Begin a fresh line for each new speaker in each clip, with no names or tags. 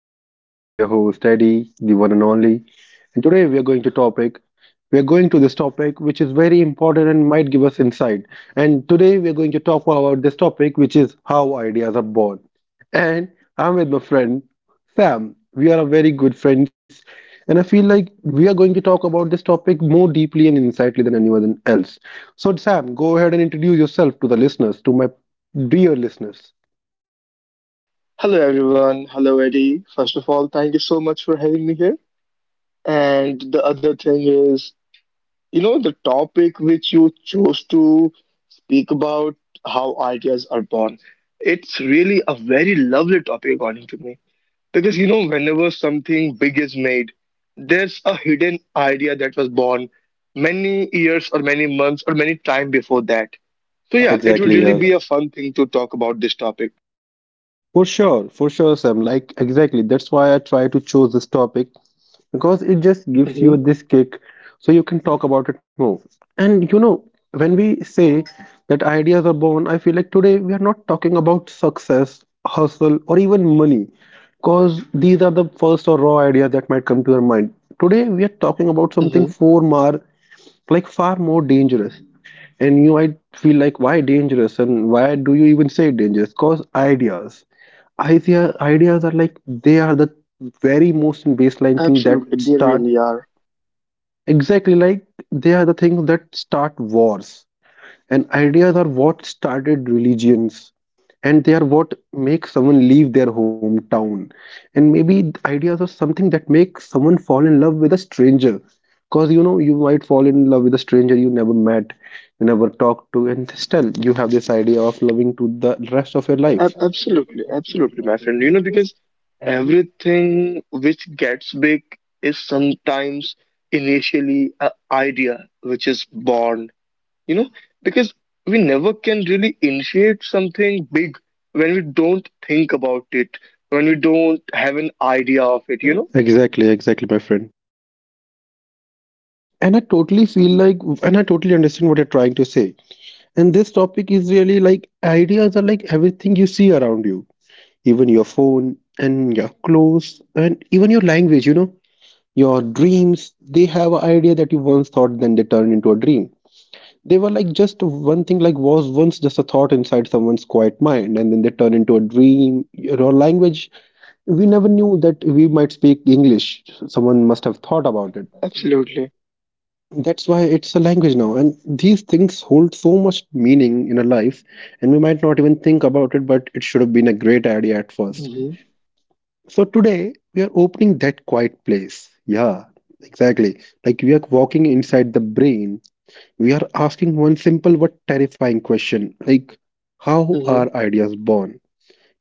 podcast. This is your host, Eddie, the one and only. And today we are going to topic. We are going to this topic, which is very important and might give us insight. And today we are going to talk about this topic, which is how ideas are born. And I'm with my friend Sam. We are very good friends, and I feel like we are going to talk about this topic more deeply and insightly than anyone else. So, Sam, go ahead and introduce yourself to the listeners, to my dear listeners.
Hello, everyone. Hello, Eddie. First of all, thank you so much for having me here. And the other thing is, the topic which you chose to speak about how ideas are born. It's really a very lovely topic, according to me. Because, whenever something big is made, there's a hidden idea that was born many years or many months or many time before that. So,
Yeah,
yeah, it would
exactly.
really
Yeah.
be a fun thing to talk about this topic.
For sure, Sam. Like, exactly. That's why I try to choose this topic because it just gives
Mm-hmm.
you this kick so you can talk about it more. And you know, when we say that ideas are born, I feel like today we are not talking about success, hustle, or even money because these are the first or raw ideas that might come to your mind. Today we are talking about something
Mm-hmm.
far more, like far more dangerous, and you might feel like, why dangerous? And why do you even say dangerous? Because ideas. Ideas are like, they are the very most baseline thing that
Absolutely, they
start,
really are.
exactly, like, they are the things that start wars. And ideas are what started religions, and they are what make someone leave their hometown. And maybe ideas are something that make someone fall in love with a stranger. Because you know, you might fall in love with a stranger you never met, you never talked to, and still you have this idea of loving to the rest of your life.
Absolutely, absolutely, my friend. Because everything which gets big is sometimes initially an idea which is born, you know, because we never can really initiate something big when we don't think about it, when we don't have an idea of it.
Exactly, exactly, my friend. And I totally feel like, and I totally understand what you're trying to say. And this topic is really like ideas are like everything you see around you, even your phone and your clothes and even your language, you know, your dreams. They have an idea that you once thought, then they turn into a dream. They were like just one thing, like was once just a thought inside someone's quiet mind, and then they turn into a dream. Your language, we never knew that we might speak English. Someone must have thought about it.
Absolutely.
That's why it's a language now. And these things hold so much meaning in our life, and we might not even think about it, but it should have been a great idea at first.
Mm-hmm.
So today, we are opening that quiet place. Yeah, exactly. Like we are walking inside the brain. We are asking one simple but terrifying question like, how
Mm-hmm.
are ideas born?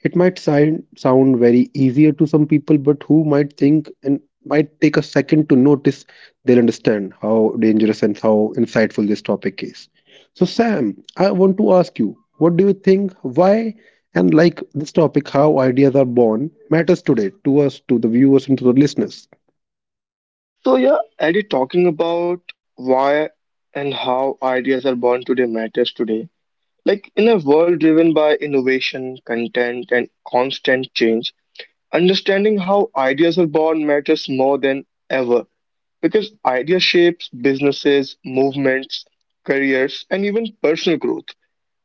It might sound very easier to some people, but who might think and might take a second to notice, they'll understand how dangerous and how insightful this topic is. So, Sam, I want to ask you, what do you think? Why, and like this topic, how ideas are born, matters today to us, to the viewers, and to the listeners.
So, yeah, Eddie, talking about why and how ideas are born today matters today. Like in a world driven by innovation, content, and constant change, understanding how ideas are born matters more than ever because idea shapes businesses, movements, careers, and even personal growth.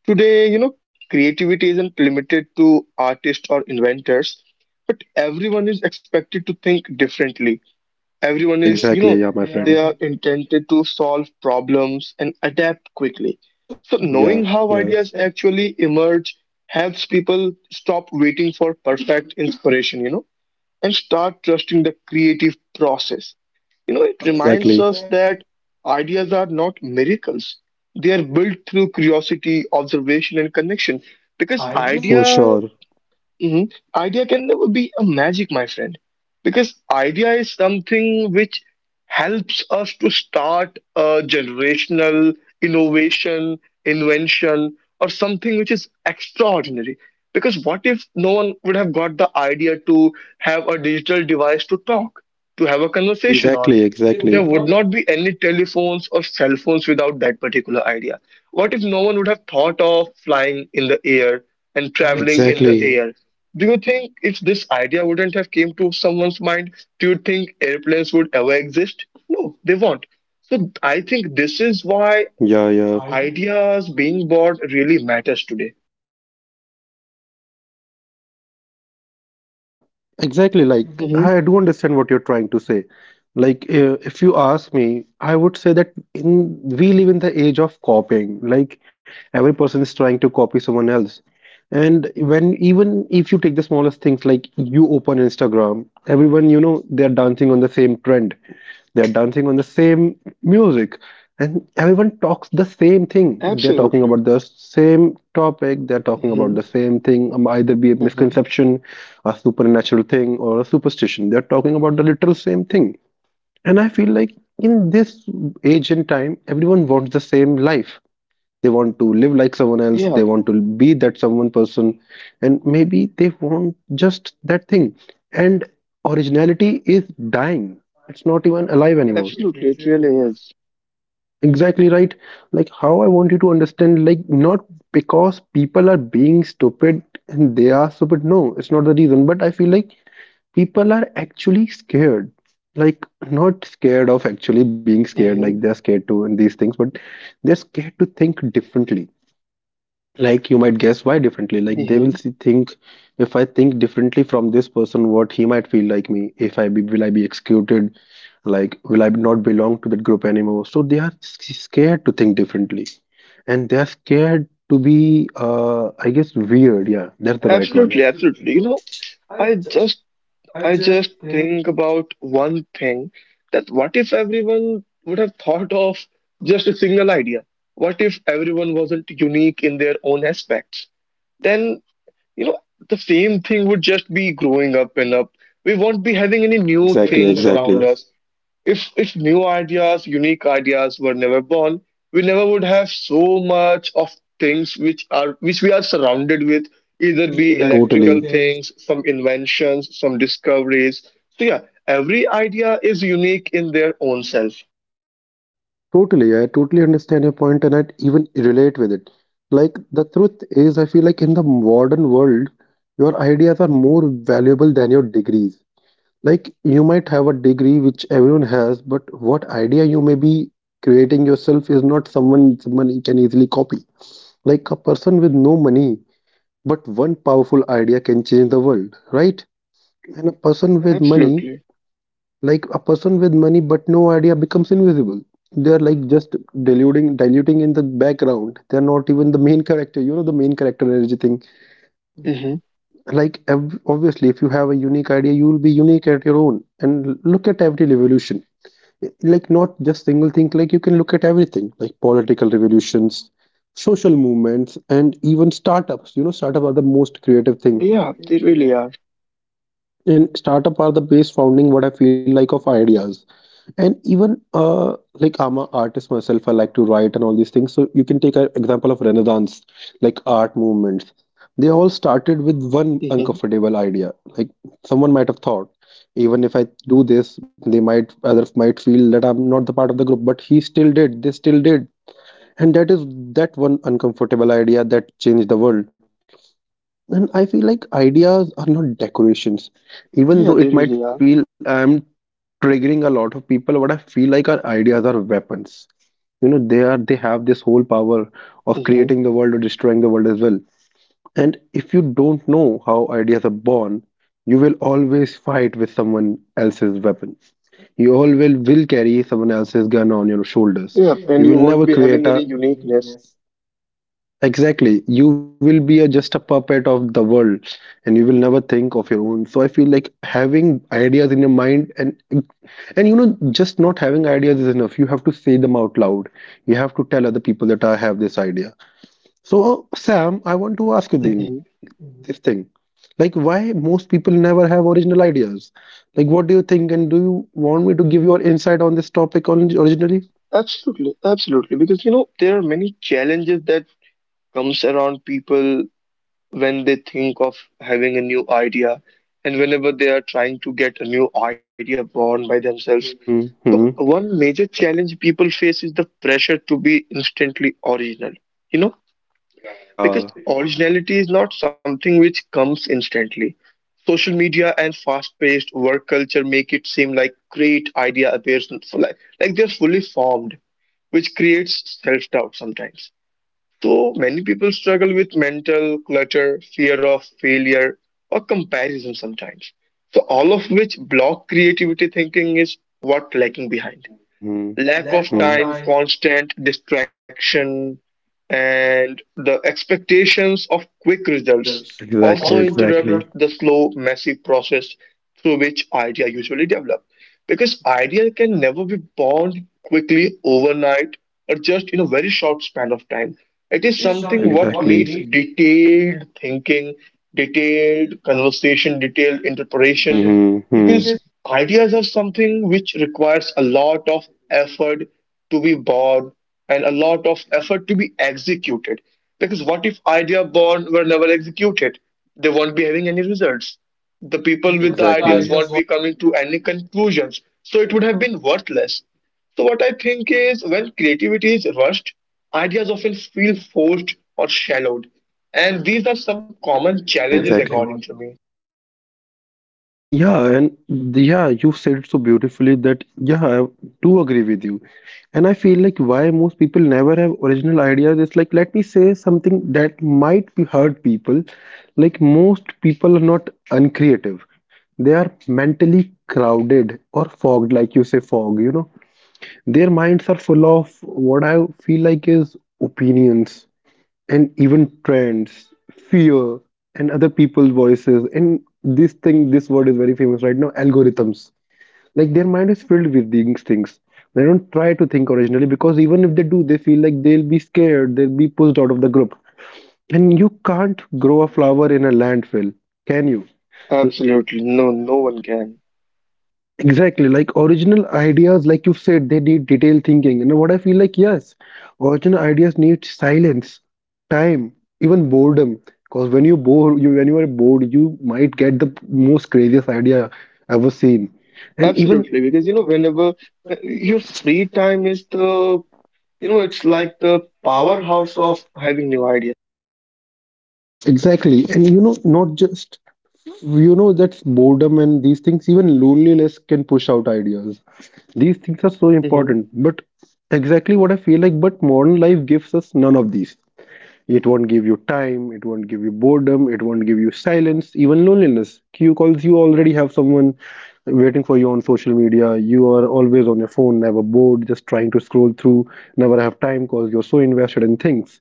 Today, creativity isn't limited to artists or inventors, but everyone is expected to think differently. Everyone is,
Exactly, yeah, my
they are
friend.
intended to solve problems and adapt quickly. So,
Yeah,
knowing how
yeah,
ideas actually emerge helps people stop waiting for perfect inspiration, and start trusting the creative process. You know, it reminds
exactly.
us that ideas are not miracles. They are built through curiosity, observation, and connection. Because
For
idea
sure.
hmm idea can never be a magic, my friend, because idea is something which helps us to start a generational innovation, invention, or something which is extraordinary. Because what if no one would have got the idea to have a digital device to talk, to have a conversation on?
Exactly, exactly.
There would not be any telephones or cell phones without that particular idea. What if no one would have thought of flying in the air and traveling in the
Exactly.
air? Do you think if this idea wouldn't have came to someone's mind, do you think airplanes would ever exist? No, they won't. So I think this is why
Yeah, yeah.
ideas being born really matters today.
Exactly. Like,
Hmm.
I do understand what you're trying to say. Like, if you ask me, I would say that in we live in the age of copying. Like, every person is trying to copy someone else. And when even if you take the smallest things, like you open Instagram, everyone, you know, they're dancing on the same trend. They're dancing on the same music, and everyone talks the same thing. They're talking
Absolutely.
about the same topic, they're talking about
Hmm.
the same thing, either be a
Hmm.
misconception, a supernatural thing, or a superstition. They're talking about the literal same thing. And I feel like in this age and time, everyone wants the same life. They want to live like someone else,
Yeah,
they want to be that someone person, and maybe they want just that thing. And originality is dying. It's not even alive anymore.
absolutely. It really is.
Exactly, right. Like, how I want you to understand, like, not because people are being stupid and they are stupid, no, it's not the reason, but I feel like people are actually scared. Like, not scared of actually being scared, like
Hmm.
they're scared to and these things, but they're scared to think differently. Like, you might guess why differently. Like, they will
Hmm.
see, think, if I think differently from this person, what he might feel like me, if I be, will I be executed? Like, will I not belong to that group anymore? So they are scared to think differently, and they are scared to be, I guess, weird. Yeah, that's the right word.
Absolutely, absolutely. You know, I just I just think about one thing, that what if everyone would have thought of just a single idea? What if everyone wasn't unique in their own aspects? Then, you know, the same thing would just be growing up and up. We won't be having any new
Exactly,
things
exactly.
around us. If new ideas, unique ideas were never born, we never would have so much of things which we are surrounded with, either be
Totally.
electrical things, some inventions, some discoveries. So yeah, every idea is unique in their own self.
Totally, I totally understand your point, and I even relate with it. Like, the truth is, I feel like in the modern world, your ideas are more valuable than your degrees. Like you might have a degree which everyone has, but what idea you may be creating yourself is not someone can easily copy. Like a person with no money, but one powerful idea can change the world, right? And a person with money,
Absolutely.
like a person with money but no idea becomes invisible. They are like just diluting in the background. They're not even the main character. You know, the main character energy thing.
Hmm.
Like, obviously, if you have a unique idea, you will be unique at your own. And look at every revolution, like not just single thing. Like you can look at everything, like political revolutions, social movements, and even startups. You know, startup are the most creative thing,
Yeah, they really are.
and startup are the base founding, what I feel like, of ideas. And even, like I'm an artist myself, I like to write and all these things. So you can take an example of Renaissance, like art movements. They all started with one
Hmm.
uncomfortable idea. Like, someone might have thought, even if I do this, they might, other might feel that I'm not the part of the group. But he still did. They still did. And that is that one uncomfortable idea that changed the world. And I feel like ideas are not decorations,
Yeah,
even
they
though it
really are.
might feel I'm triggering a lot of people. What I feel like, our ideas are weapons. You know, they are, they have this whole power of
Hmm.
creating the world or destroying the world as well. And if you don't know how ideas are born, you will always fight with someone else's weapon. You always will carry someone else's gun on your shoulders.
Yeah, and you
You will
won't be
never
having
create
any
a.
uniqueness.
Exactly. You will be a, just a puppet of the world, and you will never think of your own. So I feel like having ideas in your mind, and you know, just not having ideas is enough. You have to say them out loud. You have to tell other people that I have this idea. So, Sam, I want to ask you thing,
Hmm.
this thing like, why most people never have original ideas. Like, what do you think? And do you want me to give your insight on this topic, on originally.
Absolutely, absolutely. Because you know there are many challenges that comes around people when they think of having a new idea and whenever they are trying to get a new idea born by themselves.
Hmm.
So,
Hmm.
one major challenge people face is the pressure to be instantly original, you know,
Yeah.
because originality is not something which comes instantly. Social media and fast-paced work culture make it seem like great idea appears like they're fully formed, which creates self-doubt sometimes. So many people struggle with mental clutter, fear of failure, or comparison sometimes. So all of which block creativity thinking is what lacking behind.
Hmm. Hmm.
Lack of time,
Exactly,
constant distraction, and the expectations of quick results
exactly.
also interrupt the slow, messy process through which idea usually develop. Because idea can never be born quickly, overnight, or just in a very short span of time. It is something what
Exactly.
needs detailed thinking, detailed conversation, detailed interpretation,
Hmm. Hmm.
because ideas are something which requires a lot of effort to be born and a lot of effort to be executed. Because what if idea born were never executed? They won't be having any results. The people with the
Exactly,
ideas won't be coming to any conclusions. So it would have been worthless. So what I think is when creativity is rushed, ideas often feel forced or shallowed. And these are some common
exactly.
challenges
Exactly.
according to me.
Yeah, and yeah, you said it so beautifully that, yeah, I do agree with you. And I feel like why most people never have original ideas is, like, let me say something that might be hurt people. Like, most people are not uncreative. They are mentally crowded or fogged, like you say, fog, you know. Their minds are full of what I feel like is opinions and even trends, fear, and other people's voices. And this thing, this word is very famous right now, algorithms. Like, their mind is filled with these things. They don't try to think originally because even if they do, they feel like they'll be scared, they'll be pushed out of the group. And you can't grow a flower in a landfill, can you?
Absolutely. No, no one can.
Exactly, like original ideas, like you said, they need detailed thinking. And what I feel like, yes, original ideas need silence, time, even boredom. Because when you are bored, you might get the most craziest idea ever seen. And even
Absolutely. Because, whenever your free time is the You know, it's like the powerhouse of having new ideas.
exactly, and you know, not just you know that's boredom and these things. Even loneliness can push out ideas. These things are so
Hmm.
important. But exactly what I feel like, but modern life gives us none of these. It won't give you time, it won't give you boredom, it won't give you silence, even loneliness. You calls you already have someone waiting for you on social media. You are always on your phone, never bored, just trying to scroll through, never have time because you're so invested in things.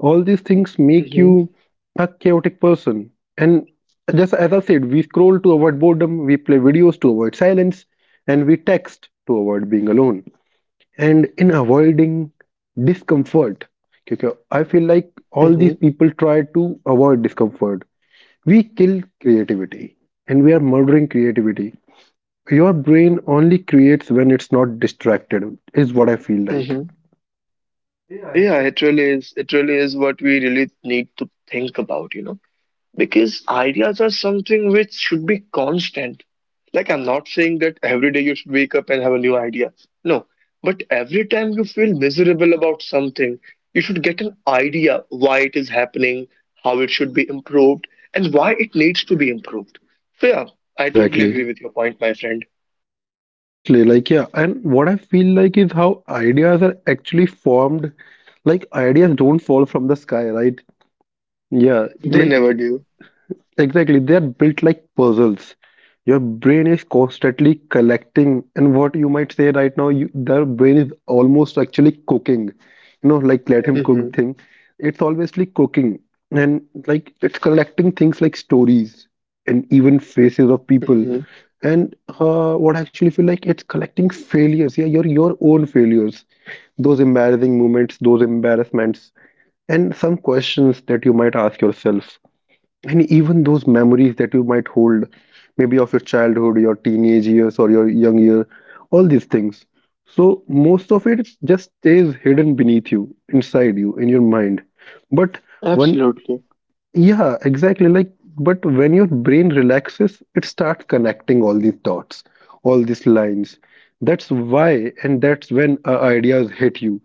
All these things make you
Hmm.
a chaotic person. And just as I said, we scroll to avoid boredom, we play videos to avoid silence, and we text to avoid being alone and in avoiding discomfort, because I feel like all these
Hmm.
people try to avoid discomfort. We kill creativity, and we are murdering creativity. Your brain only creates when it's not distracted, is what I feel like.
Hmm. Yeah, it really is. It really is what we really need to think about, because ideas are something which should be constant. Like, I'm not saying that every day you should wake up and have a new idea. No, but every time you feel miserable about something, you should get an idea why it is happening, how it should be improved, and why it needs to be improved. So, yeah, I totally agree
Exactly.
with your point, my friend.
Totally, like yeah. And what I feel like is how ideas are actually formed. Like ideas don't fall from the sky, right? Yeah,
They
like
never do.
exactly, they are built like puzzles. Your brain is constantly collecting, and what you might say right now, their brain is almost actually cooking. You know, like let him
Hmm.
cook thing. It's always like cooking, and like it's collecting things like stories and even faces of people.
Hmm.
And what I actually feel like it's collecting failures. Yeah, your own failures, those embarrassing moments, those embarrassments, and some questions that you might ask yourself and even those memories that you might hold, maybe of your childhood, your teenage years, or your young year. All these things, so most of it just stays hidden beneath you, inside you, in your mind. But when
Absolutely.
yeah, exactly. Like, but when your brain relaxes, it starts connecting all these dots, all these lines. That's why, and that's when ideas hit you.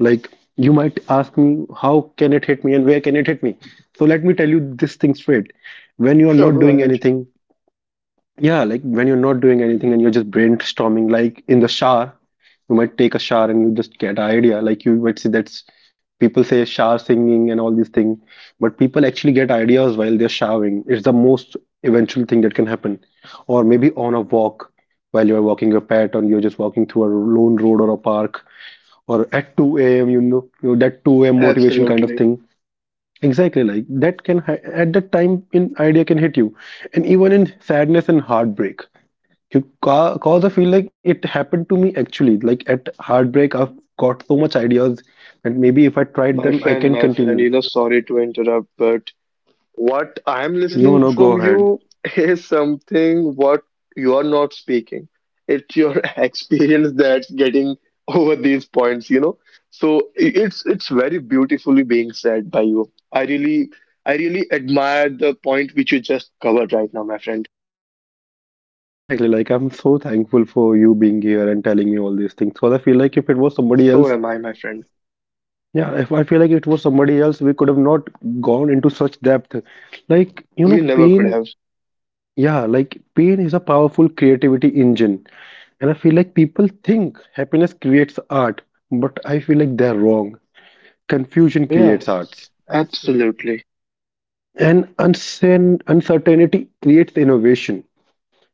Like, you might ask me, how can it hit me and where can it hit me? So let me tell you this thing straight. When you are
Sure,
not
go
doing
ahead.
anything, yeah, like when you're not doing anything and you're just brainstorming, like in the shower, you might take a shower and you just get an idea. Like you might see that's people say shower singing and all these things, but people actually get ideas while they're showering. It's the most eventual thing that can happen. Or maybe on a walk while you're walking your pet, or you're just walking through a lone road or a park, or at 2 a.m., you know that 2 a.m. motivation kind of
Absolutely.
thing. Exactly, like that can at that time, an idea can hit you, and even in sadness and heartbreak you because I feel like it happened to me actually. Like at heartbreak, I've got so much ideas that maybe if I tried them, I can
My friend,
continue.
sorry to interrupt, but what I'm
No,
listening
no, go
from
ahead.
you is something what you're not speaking. It's your experience that's getting over these points, you know. So it's very beautifully being said by you. I really admire the point which you just covered right now, my friend.
Exactly. Like I'm so thankful for you being here and telling me all these things. Because I feel like if it was somebody
So
else,
am I, my friend.
yeah, if I feel like it was somebody else, we could have not gone into such depth. Like, you know,
We never could
pain,
have.
yeah, like pain is a powerful creativity engine. And I feel like people think happiness creates art, but I feel like they're wrong. Confusion creates
Yes,
arts,
absolutely.
and uncertainty creates innovation.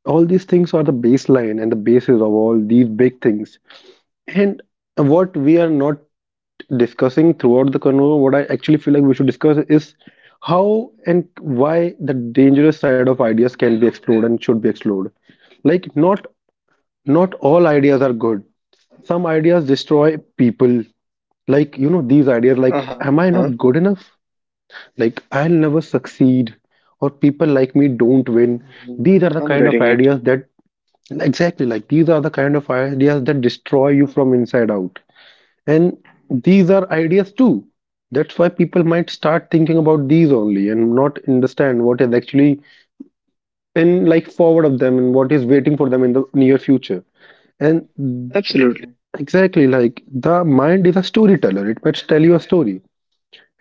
All these things are the baseline and the basis of all these big things. And what we are not discussing throughout the convo, what I actually feel like we should discuss is how and why the dangerous side of ideas can be explored and should be explored. Like not all ideas are good. Some ideas destroy people. Like, you know, these ideas like,
Uh-huh.
am I not good enough? Like, I'll never succeed, or people like me don't win.
Hmm.
These are the
I'm
kind of
getting it.
ideas that, exactly, like, these are the kind of ideas that destroy you from inside out. And these are ideas too. That's why people might start thinking about these only and not understand what is actually in like forward of them and what is waiting for them in the near future. And
Absolutely.
exactly, like the mind is a storyteller, it must tell you a story.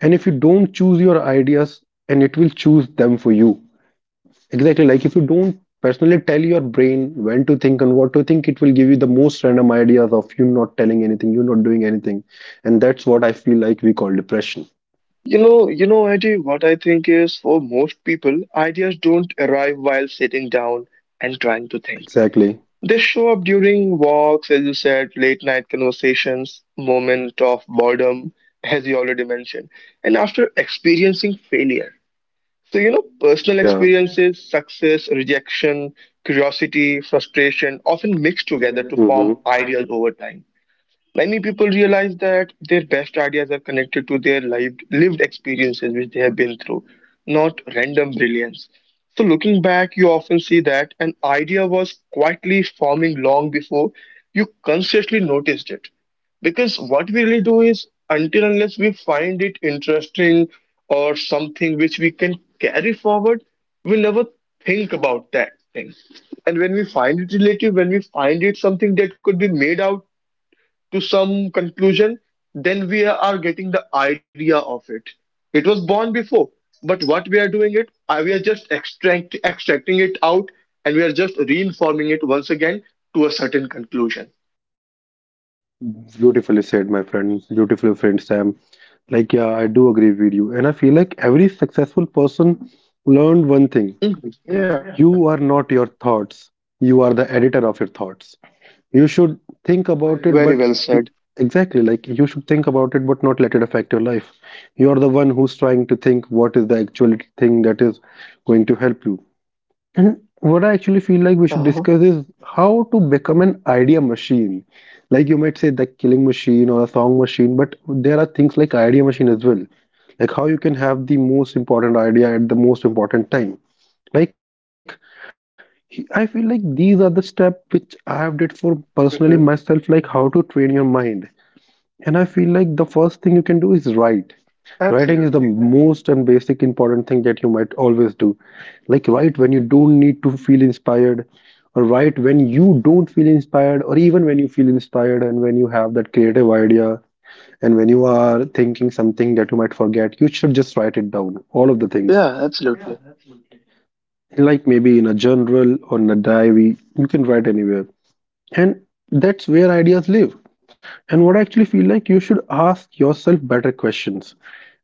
And if you don't choose your ideas, and it will choose them for you. Exactly, like if you don't personally tell your brain when to think and what to think, it will give you the most random ideas of you not telling anything, you not doing anything. And that's what I feel like we call depression.
You know, Eddie, what I think is for most people, ideas don't arrive while sitting down and trying to think.
Exactly.
They show up during walks, as you said, late night conversations, moment of boredom, as you already mentioned, and after experiencing failure. So, personal
Yeah.
experiences, success, rejection, curiosity, frustration, often mixed together to
Hmm.
form ideas over time. Many people realize that their best ideas are connected to their lived experiences which they have been through, not random brilliance. So, looking back, you often see that an idea was quietly forming long before you consciously noticed it. Because what we really do is, until unless we find it interesting or something which we can carry forward, we never think about that thing. And when we find it relative, when we find it something that could be made out to some conclusion, then we are getting the idea of it. It was born before, but what we are doing it, we are just extracting it out and we are just reinforming it once again to a certain conclusion.
Beautifully said, my friend. Beautifully friend, Sam. Like, yeah, I do agree with you. And I feel like every successful person learned one thing.
Mhm. Yeah,
You are not your thoughts. You are the editor of your thoughts. You should think about
very
it,
well
but
said.
exactly, like you should think about it, but not let it affect your life. You are the one who's trying to think what is the actual thing that is going to help you. And what I actually feel like we should
Uh-huh.
discuss is how to become an idea machine. Like you might say the killing machine or a song machine, but there are things like idea machine as well. Like how you can have the most important idea at the most important time. Like I feel like these are the steps which I have did for personally
Hmm.
myself, like how to train your mind. And I feel like the first thing you can do is write. Writing is the
Absolutely.
most and basic important thing that you might always do. Like write when you don't need to feel inspired, or write when you don't feel inspired, or even when you feel inspired and when you have that creative idea and when you are thinking something that you might forget, you should just write it down. All of the things.
Yeah, absolutely.
Like maybe in a journal or in a diary, you can write anywhere. And that's where ideas live. And what I actually feel like you should ask yourself better questions.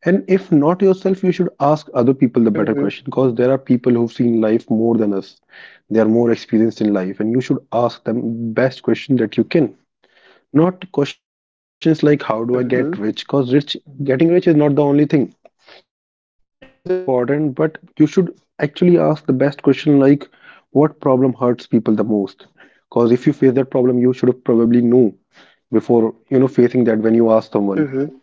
And if not yourself, you should ask other people the better
Hmm.
question, because there are people who've seen life more than us. They are more experienced in life, and you should ask them best question that you can. Not questions like how do I get
Hmm.
rich? Because rich getting rich is not the only thing. It is important, but you should actually ask the best question like what problem hurts people the most? Because if you face that problem, you should have probably know before you know facing that when you ask someone.
Hmm.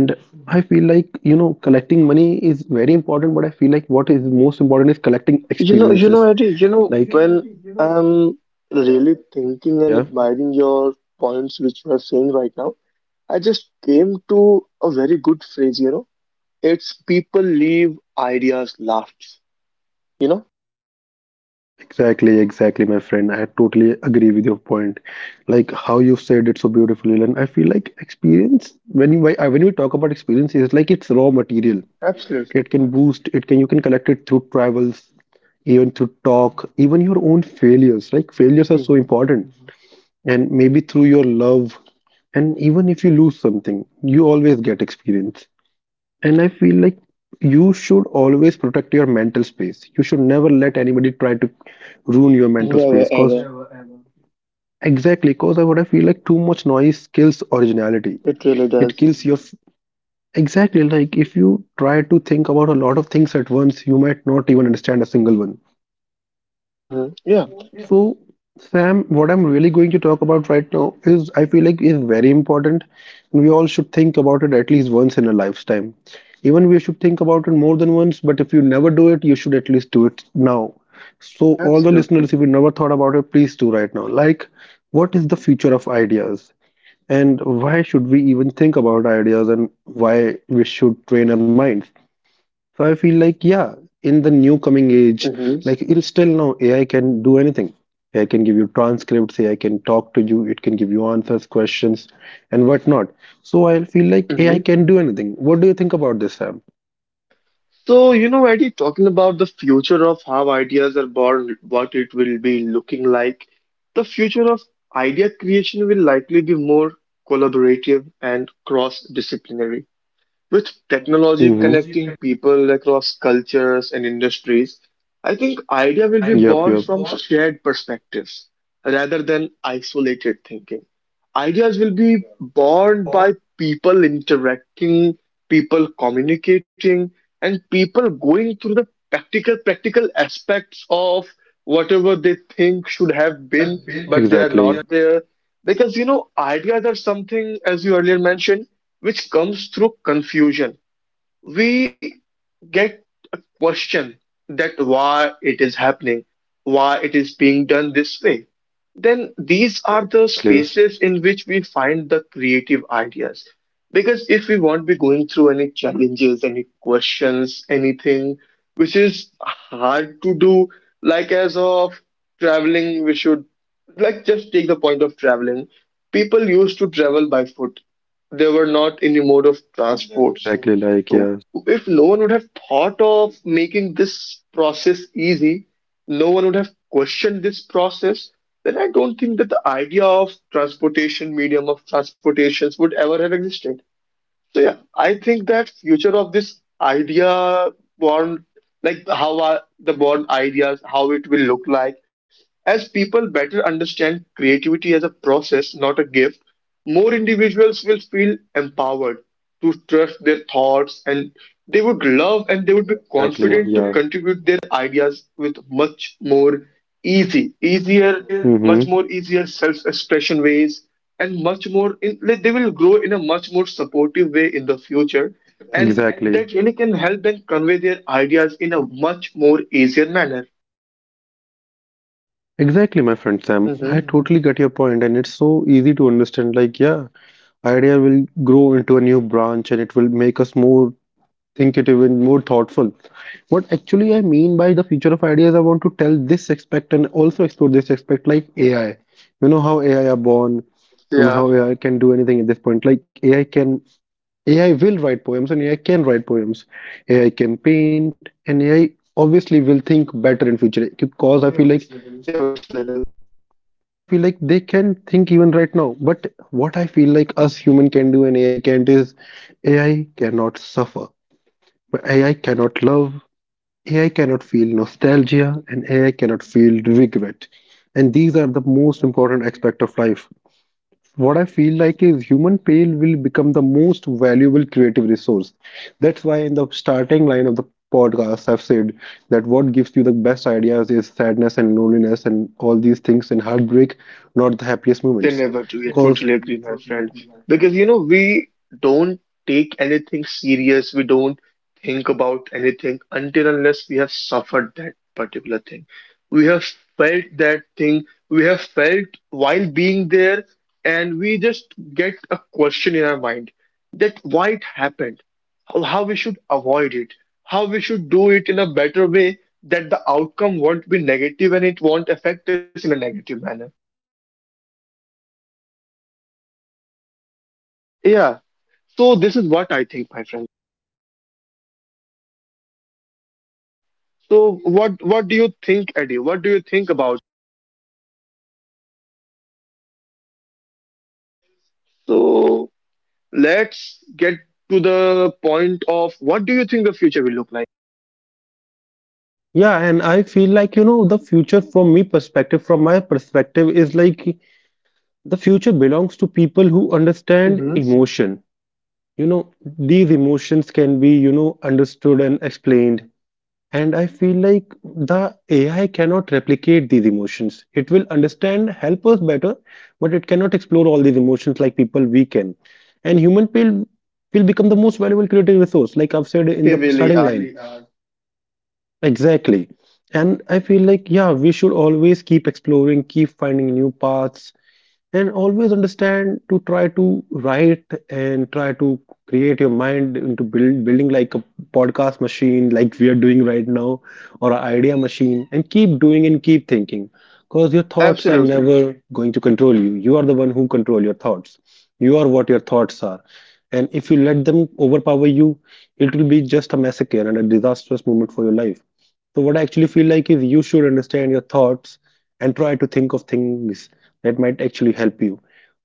And I feel like, collecting money is very important, but I feel like what is most important is
You
collecting
know, you know, Eddie,
experiences.
when
Like,
I'm really thinking and
yeah, yeah,
admiring your points which you are saying right now, I just came to a very good phrase, you know. It's people leave ideas last, you know?
exactly, my friend. I totally agree with your point. Like how you said it so beautifully, and I feel like experience when when we talk about experience, it's like it's raw material.
Absolutely.
It can boost. It can, you can collect it through travels, even through talk, even your own failures. Like failures are
Hmm.
so important. And maybe through your love, and even if you lose something you always get experience. And I feel like you should always protect your mental space. You should never let anybody try to ruin your mental
Never
space, cause
ever.
exactly, cause I feel like too much noise kills originality.
It really
It
does.
kills your exactly, like if you try to think about a lot of things at once, you might not even understand a single one.
Hmm. Yeah,
So, Sam, what I'm really going to talk about right now is I feel like is very important, and we all should think about it at least once in a lifetime. Even we should think about it more than once, but if you never do it, you should at least do it now. So, all the
absolutely.
listeners, if you never thought about it, please do right now. Like, what is the future of ideas, and why should we even think about ideas, and why we should train our minds? So I feel like, yeah, in the new coming age,
Hmm.
like in still now, AI can do anything. AI can give you transcripts, AI can talk to you, it can give you answers, questions, and whatnot. So I feel like AI
Hmm.
can do anything. What do you think about this, Sam?
So, Eddie, talking about the future of how ideas are born, what it will be looking like, the future of idea creation will likely be more collaborative and cross-disciplinary. With technology
Mhm.
connecting people across cultures and industries, I think idea will be
Yep,
born from
yup.
shared perspectives rather than isolated thinking. Ideas will be
Yeah.
born by people interacting, people communicating, and people going through the practical aspects of whatever they think should have been, but they are
Exactly.
not there. Because you know, ideas are something, as you earlier mentioned, which comes through confusion. We get a question that why it is happening, why it is being done this way, then these are the
Exactly.
spaces in which we find the creative ideas. Because if we won't be going through any challenges, any questions, anything which is hard to do, like as of traveling, we should like just take the point of traveling. People used to travel by foot. They were not in the mode of transports.
Exactly. Like
So
yeah.
if no one would have thought of making this process easy, no one would have questioned this process, then I don't think that the idea of transportation, medium of transportations would ever have existed. So yeah, I think that future of this idea born, like how are the born ideas, how it will look like, as people better understand creativity as a process, not a gift, more individuals will feel empowered to trust their thoughts and they would love and they would be
Exactly.
confident to
Yeah.
contribute their ideas with much more easier, much
Mm-hmm.
more easier self-expression ways and much more like they will grow in a much more supportive way in the future and
Exactly.
that really can help them convey their ideas in a much more easier manner.
Exactly, my friend Sam. I
Hmm.
totally get your point, and it's so easy to understand. Like, yeah, idea will grow into a new branch, and it will make us more thinkative and more thoughtful. What actually I mean by the future of ideas, I want to tell this aspect and also explore this aspect, like AI. You know how AI are born, and
Yeah,
how AI can do anything at this point. AI will write poems, and AI can write poems. AI can paint, and AI obviously will think better in future.
they obviously will.
Because I feel like they can think even right now. But what I feel like us human can do and AI can't is AI cannot suffer. But AI cannot love, AI cannot feel nostalgia, and AI cannot feel regret. And these are the most
Absolutely.
important aspect of life what I feel like is human pain will become the most valuable creative resource. That's why in the starting line of the podcast, I've said that what gives you the best ideas is sadness and loneliness and all these things and heartbreak, not the happiest moments.
They never do.
Because
You totally agree, my friend. Because, we don't take anything serious. We don't think about anything until unless we have suffered that particular thing. We have felt that thing. We have felt while being there, and we just get a question in our mind that why it happened, how we should avoid it, how we should do it in a better way that the outcome won't be negative and it won't affect us in a negative manner.
exactly, and that's what I believe too. Like
Yeah.
I feel yeah, like
So this is what I think, my friend.
exactly, like yeah, and I,
So
what
what
I
what
feel
do you
like
think, Eddie? What do you think about?
sure, sure. Yeah, and what I actually feel is
So let's get to the point of what do you think the future will look like?
yeah. And I feel like, the future from my perspective, is like the future belongs to people who
Hmm.
understand emotion. These emotions can be, understood and explained. And I feel like the AI cannot replicate these emotions. It will understand, help us better, but it cannot explore all these emotions like people we can. And human will become the most valuable creative resource, like I've said in the
Heavily,
starting line. Exactly. And I feel like, yeah, we should always keep exploring, keep finding new paths, and always understand to try to write and try to create your mind into building like a podcast machine, like we are doing right now, or an idea machine, and keep doing and keep thinking. Because your thoughts are
absolutely.
never going to control you. You are the one who control your thoughts. You are what your thoughts are. And if you let them overpower you, it will be just a massacre and a disastrous moment for your life. So what I actually feel like is you should understand your thoughts and try to think of things that might actually help you.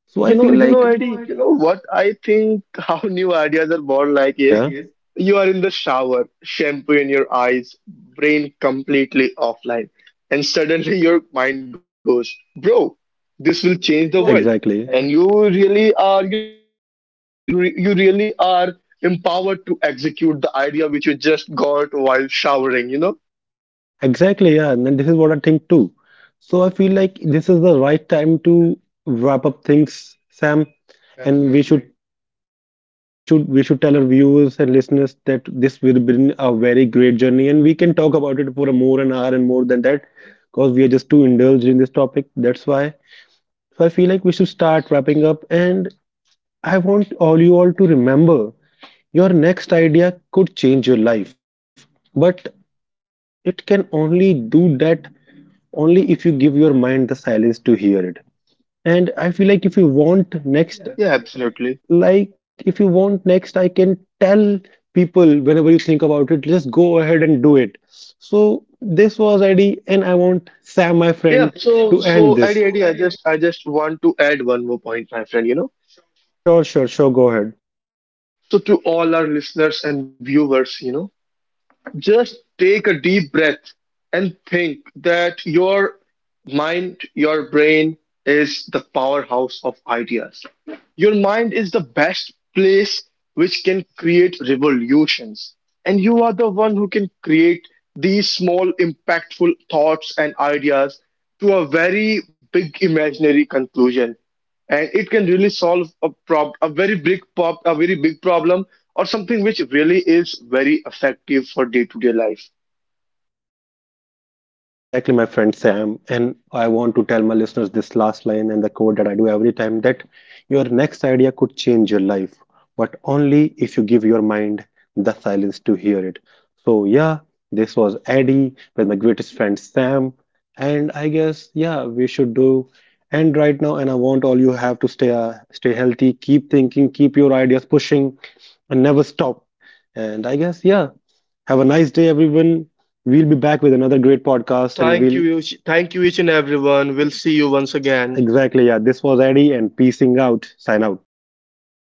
So I
You know,
feel
you
like
know, Eddie,
yeah,
you know what I think how new ideas are born like is
yeah,
you are in the shower, shampoo in your eyes, brain completely offline, and suddenly your mind goes, bro, this will change the
exactly,
world. And
exactly,
you really are, you you really are empowered to execute the idea which you just got while showering, you know?
exactly, yeah. And then this is what I think too. So I feel like this is the right time to wrap up things, Sam, and we should
Absolutely.
we should we should tell our viewers and listeners that this will been a very great journey, and we can talk about it for a more an hour and more than that, because we are just too indulged in this topic. That's why. So I feel like we should start wrapping up, and I want all you all to remember your next idea could change your life, but it can only do that only if you give your mind the silence to hear it. And I feel like if you want
Yeah,
next,
absolutely.
like if you want next, I can tell people whenever you think about it, just go ahead and do it. So this was Eddie, and I want Sam, my
Yeah,
friend,
so
to
so
end this.
Eddie, Eddie, I just want to add one more point, my friend, you know.
Sure, sure, sure. Go ahead.
So, to all our listeners and viewers, just take a deep breath and think that your mind, your brain is the powerhouse of ideas. Your mind is the best place which can create revolutions. And you are the one who can create these small, impactful thoughts and ideas to a very big imaginary conclusion. And it can really solve a prob a very big pop a very big problem or something which really is very effective for day-to-day life.
Exactly, my friend Sam. And I want to tell my listeners this last line and the quote that I do every time that your next idea could change your life, but only if you give your mind the silence to hear it. So, yeah, this was Eddie with my greatest friend Sam. And I guess, yeah, we should do. And right now, and I want all you have to stay stay healthy, keep thinking, keep your ideas pushing, and never stop. And I guess, yeah, have a nice day, everyone. We'll be back with another great podcast. And we'll exactly, yeah. This was Eddie and peacing out. Sign out.